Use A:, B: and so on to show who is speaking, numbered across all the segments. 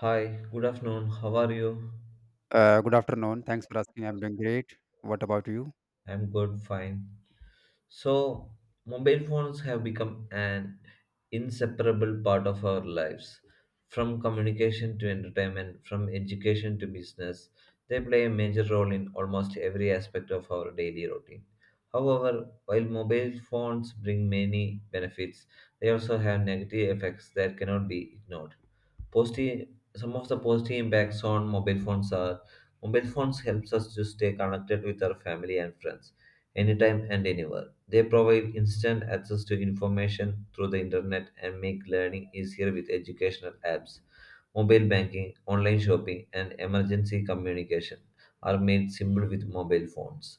A: Hi, good afternoon. How are you?
B: Good afternoon. Thanks for asking. I'm doing great. What about you?
A: I'm good, fine. So, mobile phones have become an inseparable part of our lives. From communication to entertainment, from education to business, they play a major role in almost every aspect of our daily routine. However, while mobile phones bring many benefits, they also have negative effects that cannot be ignored. Positive, some of the positive impacts on mobile phones are mobile phones helps us to stay connected with our family and friends anytime and anywhere. They provide instant access to information through the internet and make learning easier with educational apps. Mobile banking, online shopping, and emergency communication are made simple with mobile phones.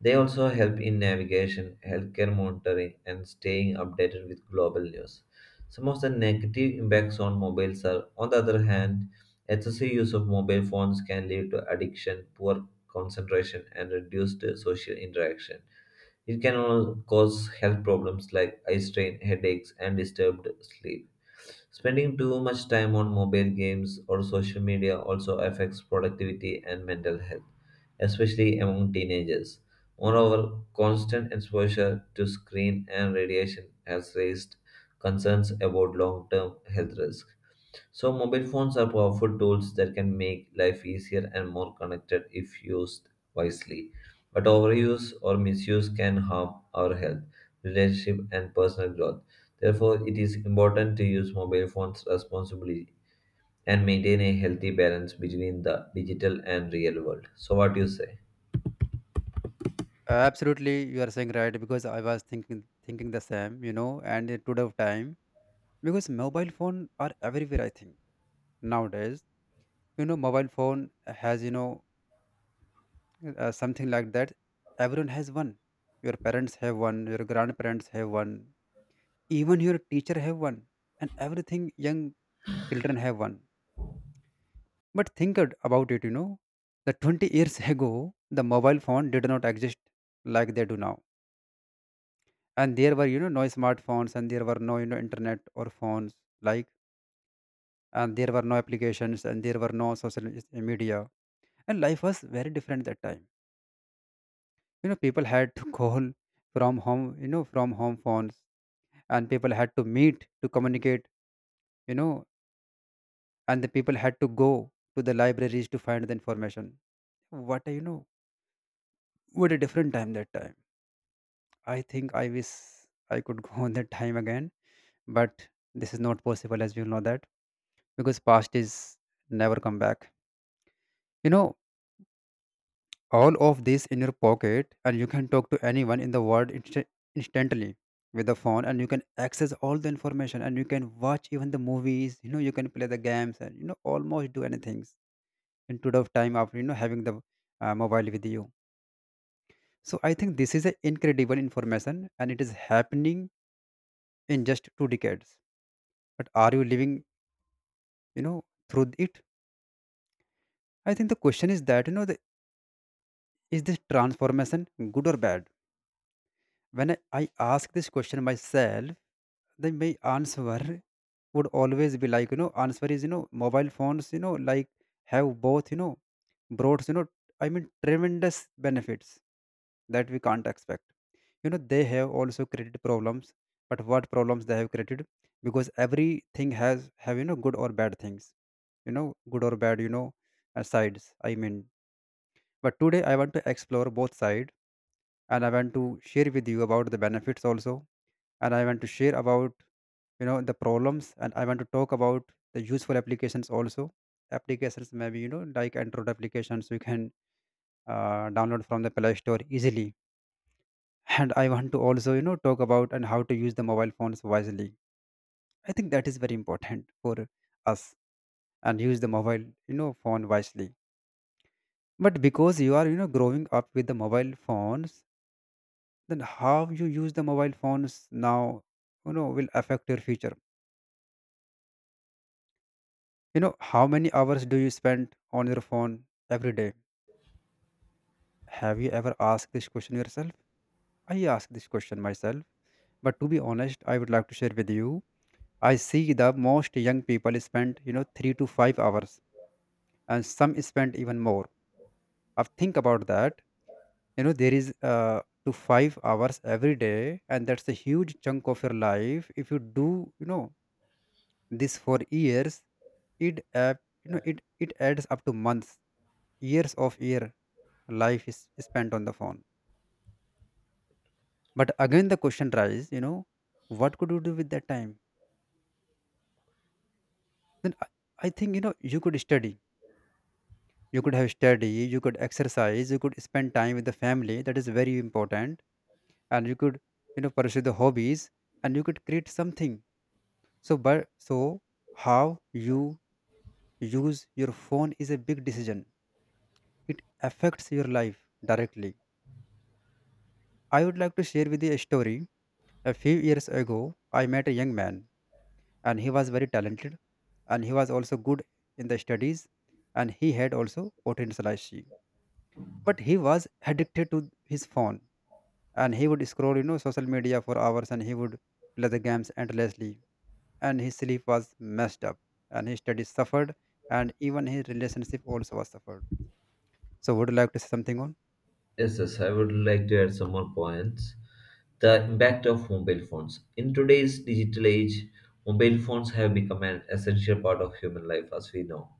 A: They also help in navigation, healthcare monitoring, and staying updated with global news. Some of the negative impacts on mobiles are, on the other hand, excessive use of mobile phones can lead to addiction, poor concentration, and reduced social interaction. It can cause health problems like eye strain, headaches, and disturbed sleep. Spending too much time on mobile games or social media also affects productivity and mental health, especially among teenagers. Moreover, constant exposure to screen and radiation has raised concerns about long term health risks. So, mobile phones are powerful tools that can make life easier and more connected if used wisely. But overuse or misuse can harm our health, relationship, and personal growth. Therefore, it is important to use mobile phones responsibly and maintain a healthy balance between the digital and real world. So, what do you say?
B: Absolutely, you are saying right because I was thinking the same, you know. And in today of time, because mobile phone are everywhere. I think nowadays, you know, mobile phone has you know something like that. Everyone has one. Your parents have one. Your grandparents have one. Even your teacher have one. And everything young children have one. But about it, you know, the 20 years ago, the mobile phone did not exist like they do now. And there were, you know, no smartphones and there were no, you know, internet or phones like, and there were no applications and there were no media. And life was very different that time. You know, people had to call from home, you know, from home phones, and people had to meet to communicate, you know, and the people had to go to the libraries to find the information. What a, you know, what a different time that time. I think I wish I could go on that time again, but this is not possible as we know that, because past is never come back. You know, all of this in your pocket, and you can talk to anyone in the world instantly with the phone, and you can access all the information, and you can watch even the movies. You know, you can play the games, and you know, almost do anything in today of time after you know having the mobile with you. So I think this is an incredible information, and it is happening in just two decades. But are you living, you know, through it? I think the question is that, you know, is this transformation good or bad? When I ask this question myself, then my answer would always be like, you know, answer is, you know, mobile phones, you know, like have both, you know, brought, you know, I mean tremendous benefits that we can't expect. You know, they have also created problems. But what problems they have created, because everything has have, you know, good or bad things, you know, good or bad, you know, sides, I mean. But today I want to explore both sides, and I want to share with you about the benefits also, and I want to share about, you know, the problems, and I want to talk about the useful applications also. Applications maybe, you know, like Android applications you can download from the Play Store easily. And I want to also, you know, talk about and how to use the mobile phones wisely. I think that is very important for us, and use the mobile, you know, phone wisely. But because you are, you know, growing up with the mobile phones, then how you use the mobile phones now, you know, will affect your future. You know, how many hours do you spend on your phone every day? Have you ever asked this question yourself? I ask this question myself. But to be honest, I would like to share with you, I see the most young people spend, you know, 3 to 5 hours, and some spend even more. I think about that. You know, there is uh, to 5 hours every day, and that's a huge chunk of your life if you do, you know, this for years. It app you know it it adds up to months, years of year life is spent on the phone. But again the question rises, you know, what could you do with that time? then i, I think, you know, you could study, you could have study, you could exercise, you could spend time with the family, that is very important. And you could, you know, pursue the hobbies, and you could create something. So how you use your phone is a big decision. It affects your life directly. I would like to share with you a story. A few years ago, I met a young man, and he was very talented, and he was also good in the studies, and he had also potential, I see. But he was addicted to his phone, and he would scroll, you know, social media for hours, and he would play the games endlessly, and his sleep was messed up, and his studies suffered, and even his relationship also was suffered. So, would you like to say something on?
A: Yes, yes, I would like to add some more points. The impact of mobile phones. In today's digital age, mobile phones have become an essential part of human life as we know.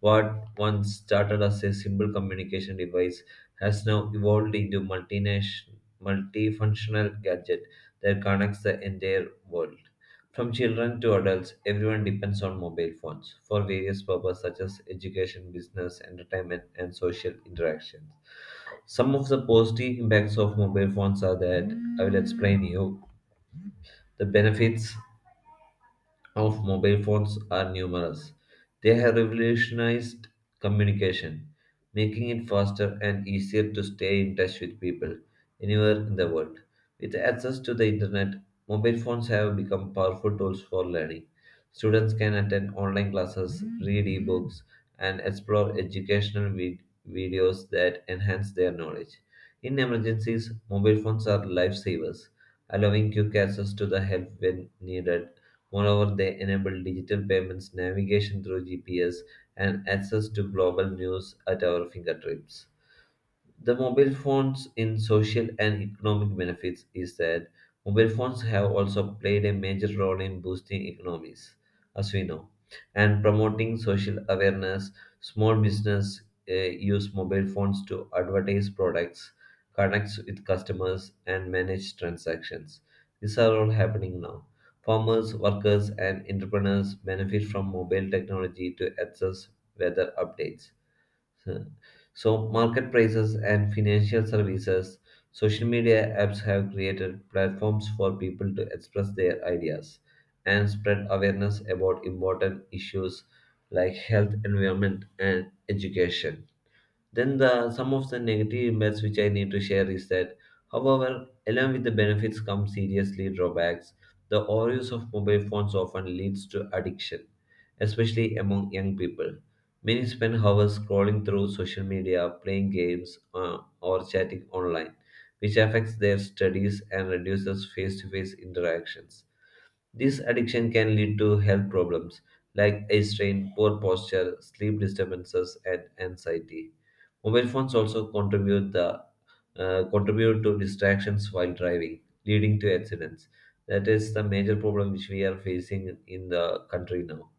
A: What once started as a simple communication device has now evolved into multinational, multifunctional gadget that connects the entire world. From children to adults, everyone depends on mobile phones for various purposes such as education, business, entertainment, and social interactions. Some of the positive impacts of mobile phones are that I will explain you the benefits of mobile phones are numerous. They have revolutionized communication, making it faster and easier to stay in touch with people anywhere in the world. With access to the internet, mobile phones have become powerful tools for learning. Students can attend online classes, read ebooks, and explore educational videos that enhance their knowledge. In emergencies, mobile phones are lifesavers, allowing quick access to the help when needed. Moreover, they enable digital payments, navigation through GPS, and access to global news at our fingertips. The mobile phones in social and economic benefits is that mobile phones have also played a major role in boosting economies, as we know, and promoting social awareness. Small business use mobile phones to advertise products, connect with customers, and manage transactions. These are all happening now. Farmers, workers, and entrepreneurs benefit from mobile technology to access weather updates so, so market prices and financial services, social media apps have created platforms for people to express their ideas and spread awareness about important issues like health, environment, and education. Then the some of the negative impacts which I need to share is that, however, along with the benefits come seriously drawbacks. The overuse of mobile phones often leads to addiction, especially among young people. Many spend hours scrolling through social media, playing games, or chatting online, which affects their studies and reduces face-to-face interactions. This addiction can lead to health problems like eye strain, poor posture, sleep disturbances, and anxiety. Mobile phones also contribute the Contribute to distractions while driving, leading to accidents. That is the major problem which we are facing in the country now,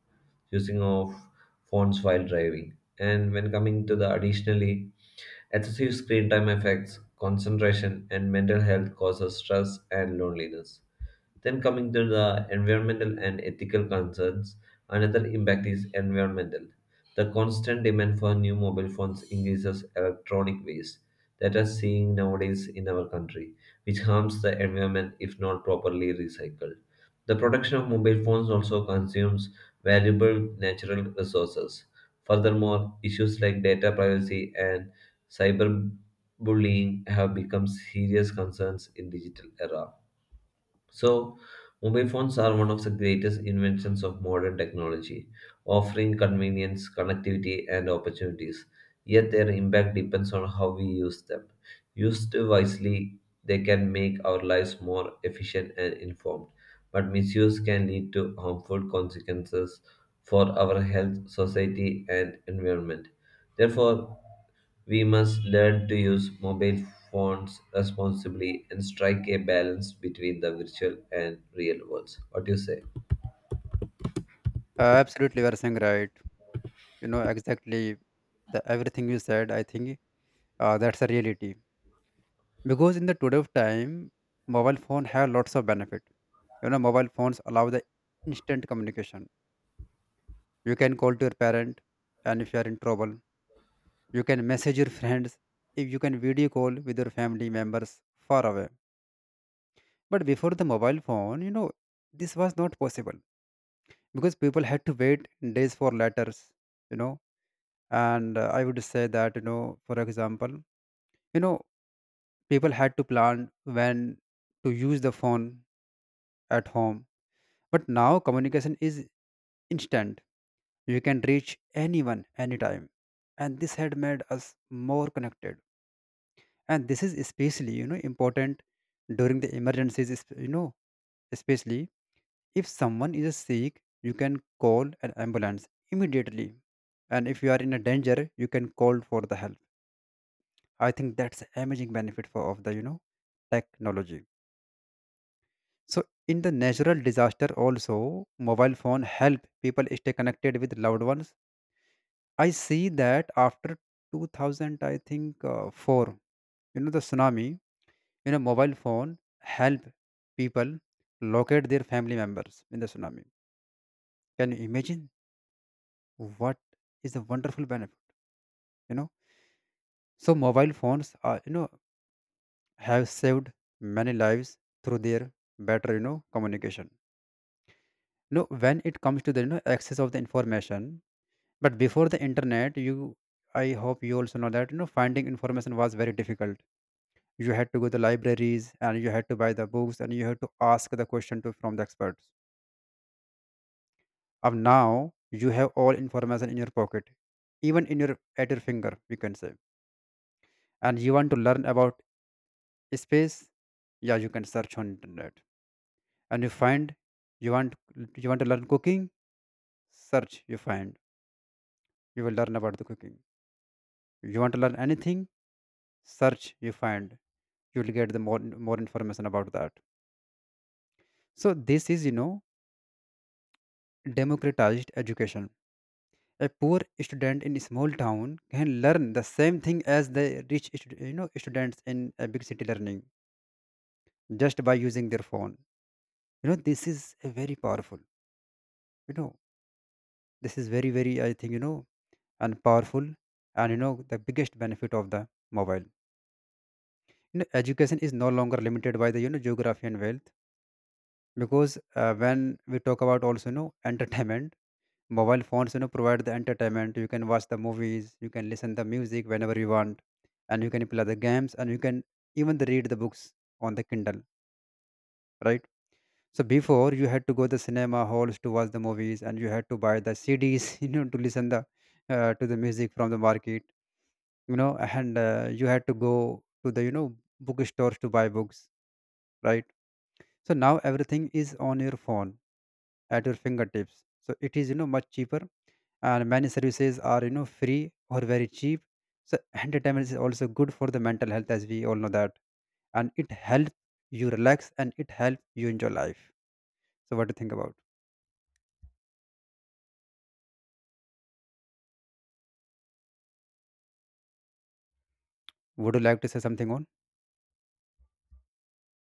A: using of phones while driving. And when coming to the additionally, excessive screen time affects concentration and mental health causes stress and loneliness. Then coming to the environmental and ethical concerns, another impact is environmental. The constant demand for new mobile phones increases electronic waste that are seeing nowadays in our country, which harms the environment if not properly recycled. The production of mobile phones also consumes valuable natural resources. Furthermore, issues like data privacy and cyberbullying have become serious concerns in digital era. So, mobile phones are one of the greatest inventions of modern technology, offering convenience, connectivity, and opportunities. Yet, their impact depends on how we use them. Used wisely, they can make our lives more efficient and informed, but misuse can lead to harmful consequences for our health, society, and environment. Therefore, we must learn to use mobile phones responsibly and strike a balance between the virtual and real worlds. What do you say?
B: Absolutely, you are saying right. You know exactly the everything you said. I think that's a reality. Because in the today of time, mobile phone have lots of benefit. You know, mobile phones allow the instant communication. You can call to your parent, and if you are in trouble, you can message your friends. If you can video call with your family members far away. But before the mobile phone, you know, this was not possible because people had to wait days for letters. You know, and I would say that, you know, for example, you know, people had to plan when to use the phone at home. But now communication is instant. You can reach anyone anytime. And this had made us more connected. And this is especially, you know, important during the emergencies, you know, especially if someone is sick, you can call an ambulance immediately. And if you are in a danger, you can call for the help. I think that's an amazing benefit for of the, you know, technology. So in the natural disaster also, mobile phone help people stay connected with loved ones. I see that after 2000, I think four, you know, the tsunami, you know, mobile phone help people locate their family members in the tsunami. Can you imagine what is the wonderful benefit? You know, so mobile phones are, you know, have saved many lives through their better, you know, communication. You know, when it comes to the, you know, access of the information, but before the internet, you, I hope you also know that, you know, finding information was very difficult. You had to go to the libraries, and you had to buy the books, and you had to ask the question to from the experts. Of now you have all information in your pocket, even in your at your finger you can say. And you want to learn about space, yeah, you can search on internet and you find. You want, you want to learn cooking, search, you find, you will learn about the cooking. You want to learn anything, search, you find, you will get the more information about that. So this is, you know, democratized education. A poor student in a small town can learn the same thing as the you know students in a big city learning just by using their phone. You know, this is a very powerful, you know, this is very very I think, you know, and powerful. And you know the biggest benefit of the mobile, you know, education is no longer limited by the, you know, geography and wealth. Because when we talk about also, you know, entertainment, mobile phones, you know, provide the entertainment. You can watch the movies, you can listen the music whenever you want, and you can play the games, and you can even the read the books on the Kindle, right? So before you had to go the cinema halls to watch the movies, and you had to buy the CDs you know to listen the to the music from the market, you know. And you had to go to the, you know, bookstores to buy books, right? So now everything is on your phone at your fingertips, so it is, you know, much cheaper, and many services are, you know, free or very cheap. So entertainment is also good for the mental health, as we all know that, and it helps you relax, and it helps you enjoy life. So what do you think about? Would you like to say something on?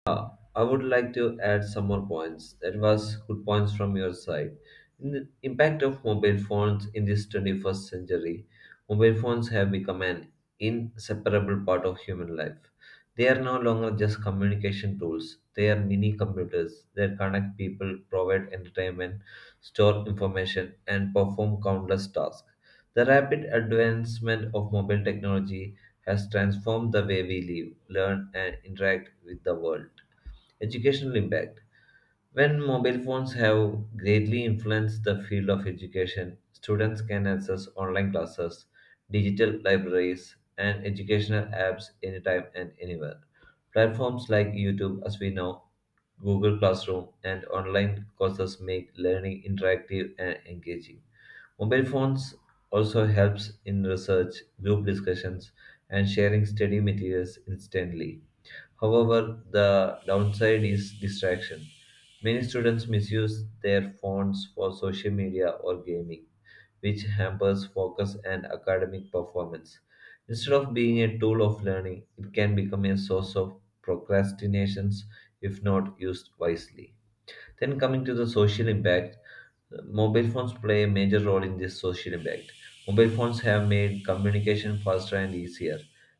A: Uh, I would like to add some more points. That was good points from your side. In the impact of mobile phones in this 21st century, mobile phones have become an inseparable part of human life. They are no longer just communication tools. They are mini computers that connect people, provide entertainment, store information, and perform countless tasks. The rapid advancement of mobile technology has transformed the way we live, learn, and interact with the world. Educational impact. When mobile phones have greatly influenced the field of education, students can access online classes, digital libraries, and educational apps anytime and anywhere. Platforms like YouTube, as we know, Google Classroom, and online courses make learning interactive and engaging. Mobile phones also helps in research, group discussions, and sharing study materials instantly. However, the downside is distraction. Many students misuse their phones for social media or gaming, which hampers focus and academic performance. Instead of being a tool of learning, it can become a source of procrastinations if not used wisely. Then, coming to the social impact, mobile phones play a major role in this social impact. Mobile phones have made communication faster and easier.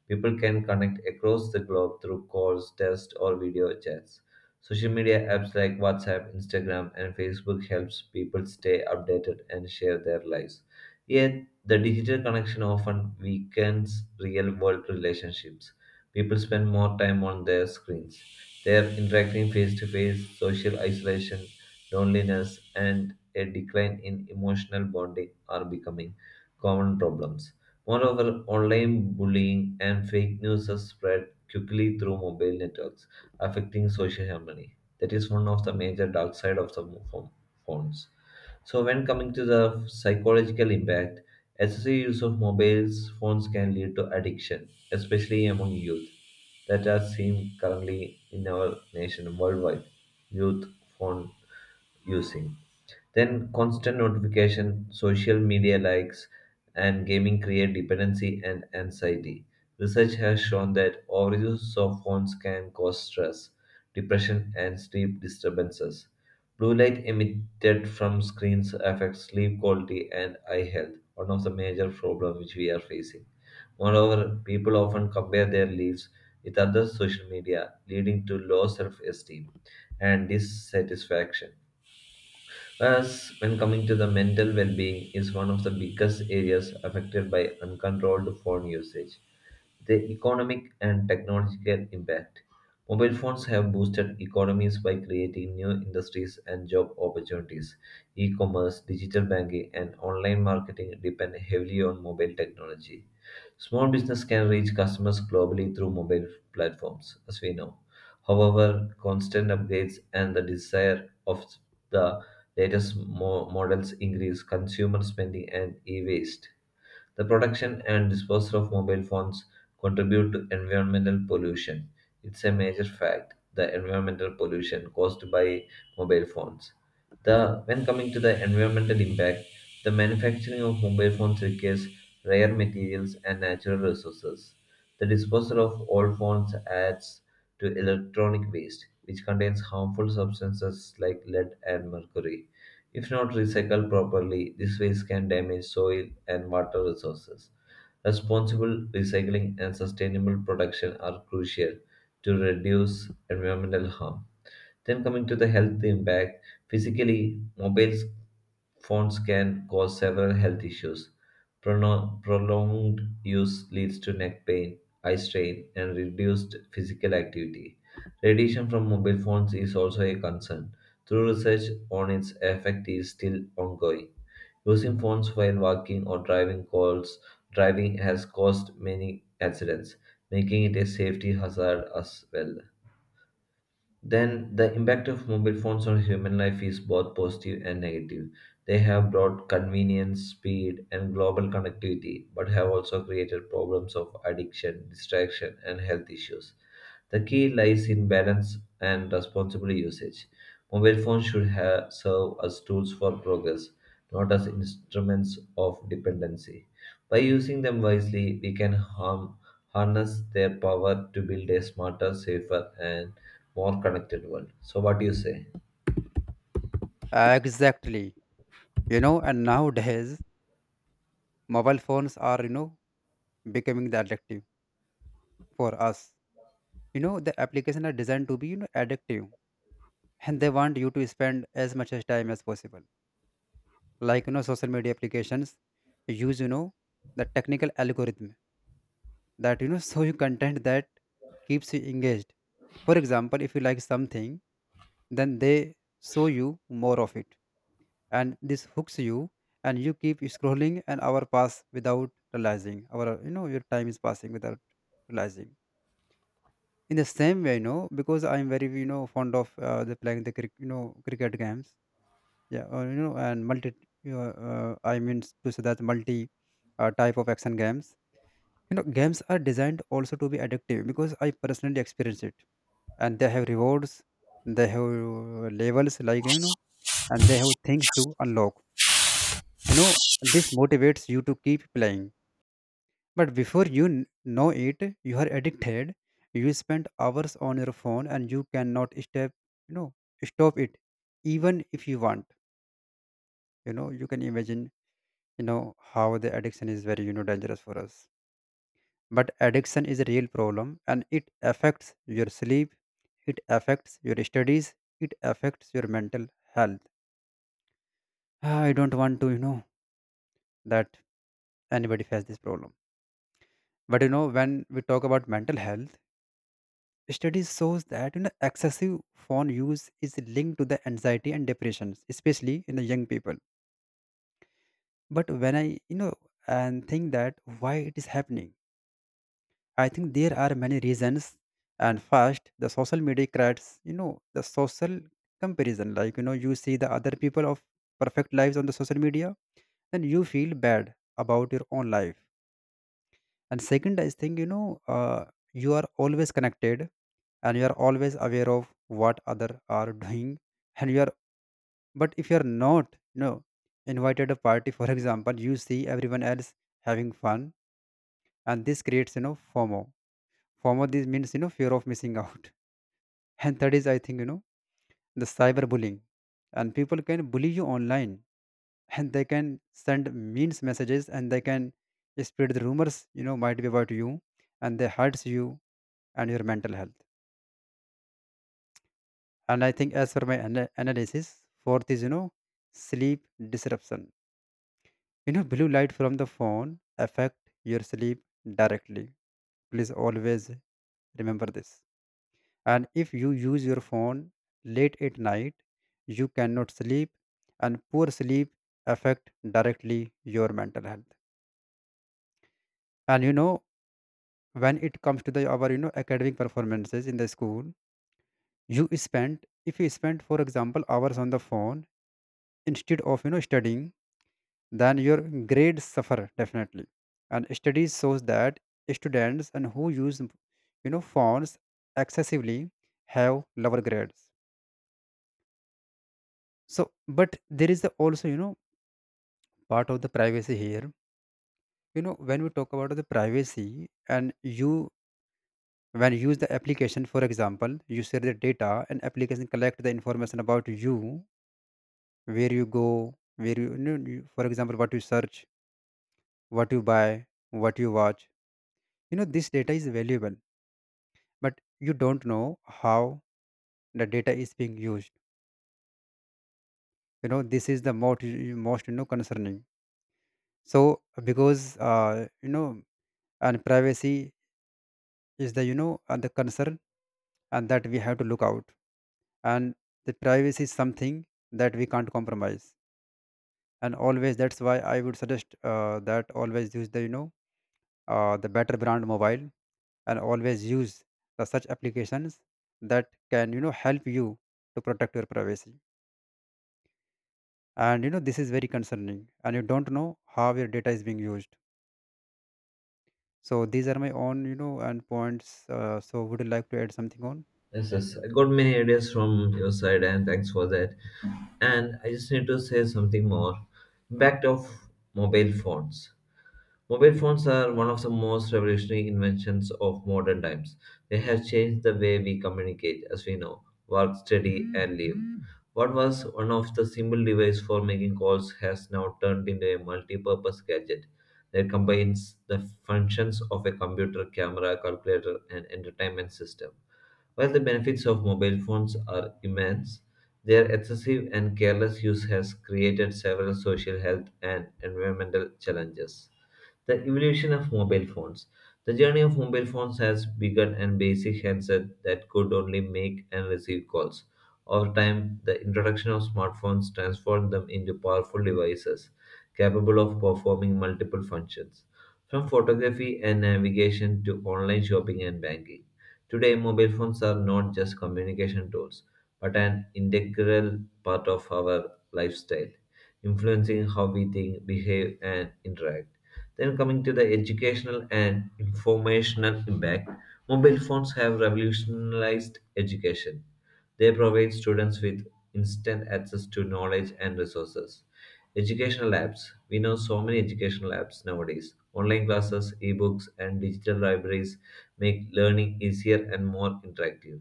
A: People can connect across the globe through calls, text, or video chats. Social media apps like WhatsApp, Instagram, and Facebook helps people stay updated and share their lives. Yet, the digital connection often weakens real-world relationships. People spend more time on their screens. They are interacting face-to-face, social isolation, loneliness, and a decline in emotional bonding are becoming common problems. Moreover, online bullying and fake news are spread quickly through mobile networks, affecting social harmony. That is one of the major dark side of the phones. So, when coming to the psychological impact, excessive use of mobiles phones can lead to addiction, especially among youth. That are seen currently in our nation worldwide, youth phone using. Then, constant notification, social media likes, and gaming create dependency and anxiety. Research has shown that overuse of phones can cause stress, depression, and sleep disturbances. Blue light emitted from screens affects sleep quality and eye health, one of the major problems which we are facing. Moreover, people often compare their lives with other social media, leading to low self esteem and dissatisfaction. As when coming to the mental well-being is one of the biggest areas affected by uncontrolled phone usage, the economic and technological impact. Mobile phones have boosted economies by creating new industries and job opportunities. E commerce, digital banking, and online marketing depend heavily on mobile technology. Small business can reach customers globally through mobile platforms, as we know. However, constant upgrades and the desire of the latest models increase consumer spending and e-waste. The production and disposal of mobile phones contribute to environmental pollution. It's a major fact, the environmental pollution caused by mobile phones. The when coming to the environmental impact, the manufacturing of mobile phones requires rare materials and natural resources. The disposal of old phones adds to electronic waste, which contains harmful substances like lead and mercury. If not recycled properly, this waste can damage soil and water resources. Responsible recycling and sustainable production are crucial to reduce environmental harm. Then coming to the health impact, physically, phones can cause several health issues. Prolonged use leads to neck pain, eye strain, and reduced physical activity. Radiation from mobile phones is also a concern. Through research on its effect is still ongoing. Using phones while walking or driving calls driving has caused many accidents, making it a safety hazard as well. Then the impact of mobile phones on human life is both positive and negative. They have brought convenience, speed, and global connectivity, but have also created problems of addiction, distraction, and health issues. The key lies in balance and responsible usage. Mobile phones should serve as tools for progress, not as instruments of dependency. By using them wisely, we can harness their power to build a smarter, safer, and more connected world. So, what do you say?
B: Exactly, you know. And nowadays mobile phones are, you know, becoming the addictive for us. You know, the application are designed to be, you know, addictive, and they want you to spend as much as time as possible. Like, you know, social media applications use, you know, the technical algorithm that, you know, show you content that keeps you engaged. For example, if you like something, then they show you more of it, and this hooks you, and you keep scrolling, and hour pass without realizing our, you know, your time is passing without realizing. In the same way, you know, because I'm very, you know, fond of the playing the you know cricket games. Yeah, or you know, and multi. I mean to say that multi type of action games. You know, games are designed also to be addictive because I personally experience it, and they have rewards, they have levels like, and they have things to unlock. You know, this motivates you to keep playing. But before you know it, you are addicted. You spend hours on your phone, and you cannot step. You know, stop it, even if you want. You know, you can imagine how the addiction is very dangerous for us, but addiction is a real problem, and it affects your sleep, it affects your studies, it affects your mental health. I don't want to that anybody has this problem. But you know, when we talk about mental health, studies shows that you know excessive phone use is linked to the anxiety and depressions, especially in the young people. But when I and think that why it is happening, I think there are many reasons. And first, the social media creates, you know, the social comparison. Like, you know, you see the other people of perfect lives on the social media, and you feel bad about your own life. And second, I think, you know, you are always connected, and you are always aware of what other are doing. And you are, but if you are not, you know, invited a party, for example, you see everyone else having fun. And this creates, you know, FOMO. Former this means you know fear of missing out. And third is, I think, you know, the cyberbullying, and people can bully you online, and they can send mean messages, and they can spread the rumors you know might be about you, and they hurts you and your mental health. And I think, as for my analysis, fourth is you know sleep disruption. You know, blue light from the phone affect your sleep directly. Please always remember this. And if you use your phone late at night, you cannot sleep, and poor sleep affect directly your mental health. And you know, when it comes to the our you know academic performances in the school, you spend, if you spend for example hours on the phone instead of studying, then your grades suffer definitely. And studies shows that students and who use phones excessively have lower grades. So, but there is the also you know part of the privacy here. You know, when we talk about the privacy, and you, when you use the application for example, you share the data, and application collect the information about you, where you go, where you for example what you search, what you buy, what you watch. You know, this data is valuable, but you don't know how the data is being used. You know, this is the most you know concerning. So, because you know, and privacy is the the concern, and that we have to look out. And the privacy is something that we can't compromise. And always, that's why I would suggest, that always use the the better brand mobile, and always use the such applications that can you know help you to protect your privacy. And you know, this is very concerning, and you don't know how your data is being used. So these are my own you know and points. So would you like to add something on?
A: Yes, yes. I got many ideas from your side, and thanks for that. And I just need to say something more. Impact of mobile phones. Mobile phones are one of the most revolutionary inventions of modern times. They have changed the way we communicate, as we know, work, study, and live. What was one of the simple device for making calls has now turned into a multi-purpose gadget that combines the functions of a computer, camera, calculator, and entertainment system. While the benefits of mobile phones are immense, their excessive and careless use has created several social health and environmental challenges. The evolution of mobile phones. The journey of mobile phones has begun and basic handset that could only make and receive calls. Over time, the introduction of smartphones transformed them into powerful devices capable of performing multiple functions, from photography and navigation to online shopping and banking. Today, mobile phones are not just communication tools, but an integral part of our lifestyle, influencing how we think, behave, and interact. Then coming to the educational and informational impact, mobile phones have revolutionized education. They provide students with instant access to knowledge and resources. Educational apps. We know so many educational apps nowadays. Online classes, ebooks, and digital libraries make learning easier and more interactive.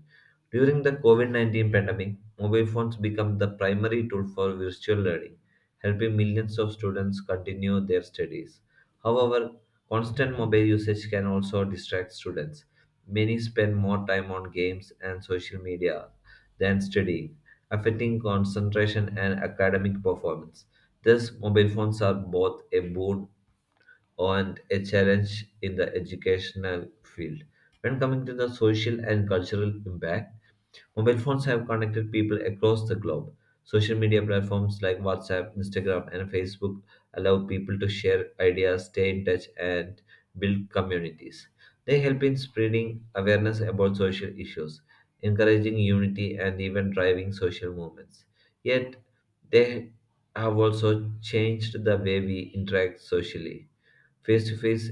A: During the COVID -19 pandemic, mobile phones became the primary tool for virtual learning, helping millions of students continue their studies. However, constant mobile usage can also distract students. Many spend more time on games and social media than studying, affecting concentration and academic performance. Thus, mobile phones are both a boon and a challenge in the educational field. When coming to the social and cultural impact, mobile phones have connected people across the globe. Social media platforms like WhatsApp, Instagram, and Facebook allow people to share ideas, stay in touch, and build communities. They help in spreading awareness about social issues, encouraging unity, and even driving social movements. Yet, they have also changed the way we interact socially. Face to face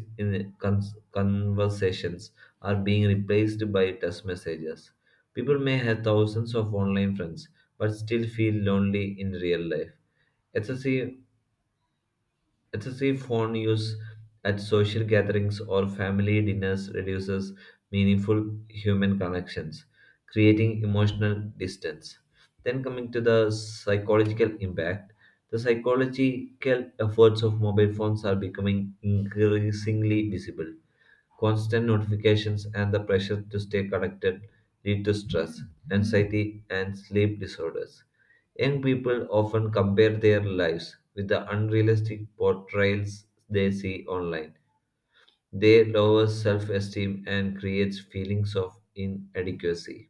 A: conversations are being replaced by text messages. People may have thousands of online friends, but still feel lonely in real life. Excessive Excessive phone use at social gatherings or family dinners reduces meaningful human connections, creating emotional distance. Then, coming to the psychological impact, the psychological efforts of mobile phones are becoming increasingly visible. Constant notifications and the pressure to stay connected lead to stress, anxiety, and sleep disorders. Young people often compare their lives with the unrealistic portrayals they see online. They lower self esteem and creates feelings of inadequacy.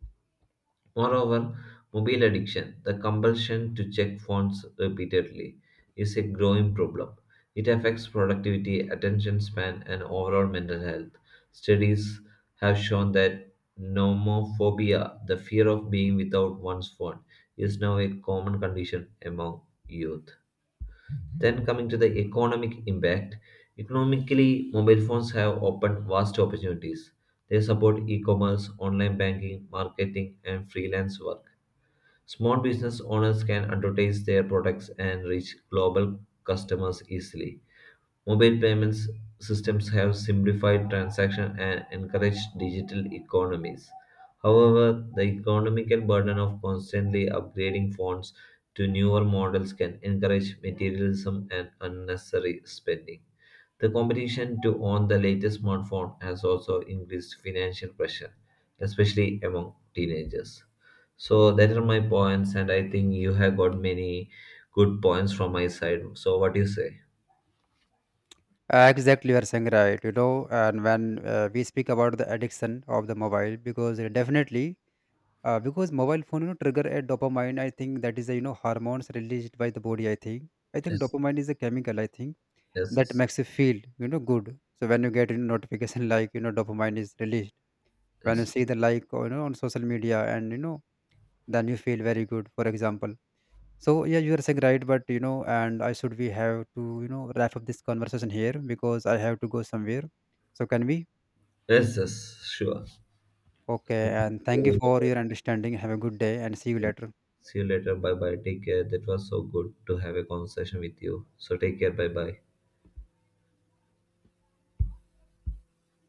A: Moreover, mobile addiction, the compulsion to check phones repeatedly, is a growing problem. It affects productivity, attention span, and overall mental health. Studies have shown that nomophobia, the fear of being without one's phone, is now a common condition among youth. Then, coming to the economic impact, economically, mobile phones have opened vast opportunities. They support e commerce, online banking, marketing, and freelance work. Small business owners can advertise their products and reach global customers easily. Mobile payments systems have simplified transactions and encouraged digital economies. However, the economical burden of constantly upgrading phones to newer models can encourage materialism and unnecessary spending. The competition to own the latest smartphone has also increased financial pressure, especially among teenagers. So that are my points, and I think you have got many good points from my side. So what do you say?
B: Exactly, you are saying right. You know, and when we speak about the addiction of the mobile, because definitely, because mobile phone you know, trigger a dopamine. I think that is a you know hormones released by the body. I think
A: Yes,
B: dopamine is a chemical. I think
A: yes,
B: that
A: yes,
B: makes you feel you know good. So when you get a notification like you know dopamine is released when you
A: yes,
B: see the like you know on social media, and you know then you feel very good. For example, so yeah, you are saying right, but you know, and I should we have to you know wrap up this conversation here because I have to go somewhere. So can we?
A: yes, yes, sure.
B: Okay, and thank you for your understanding. Have a good day and see you later.
A: See you later. Bye bye. Take care. That was so good to have a conversation with you. So take care. Bye bye.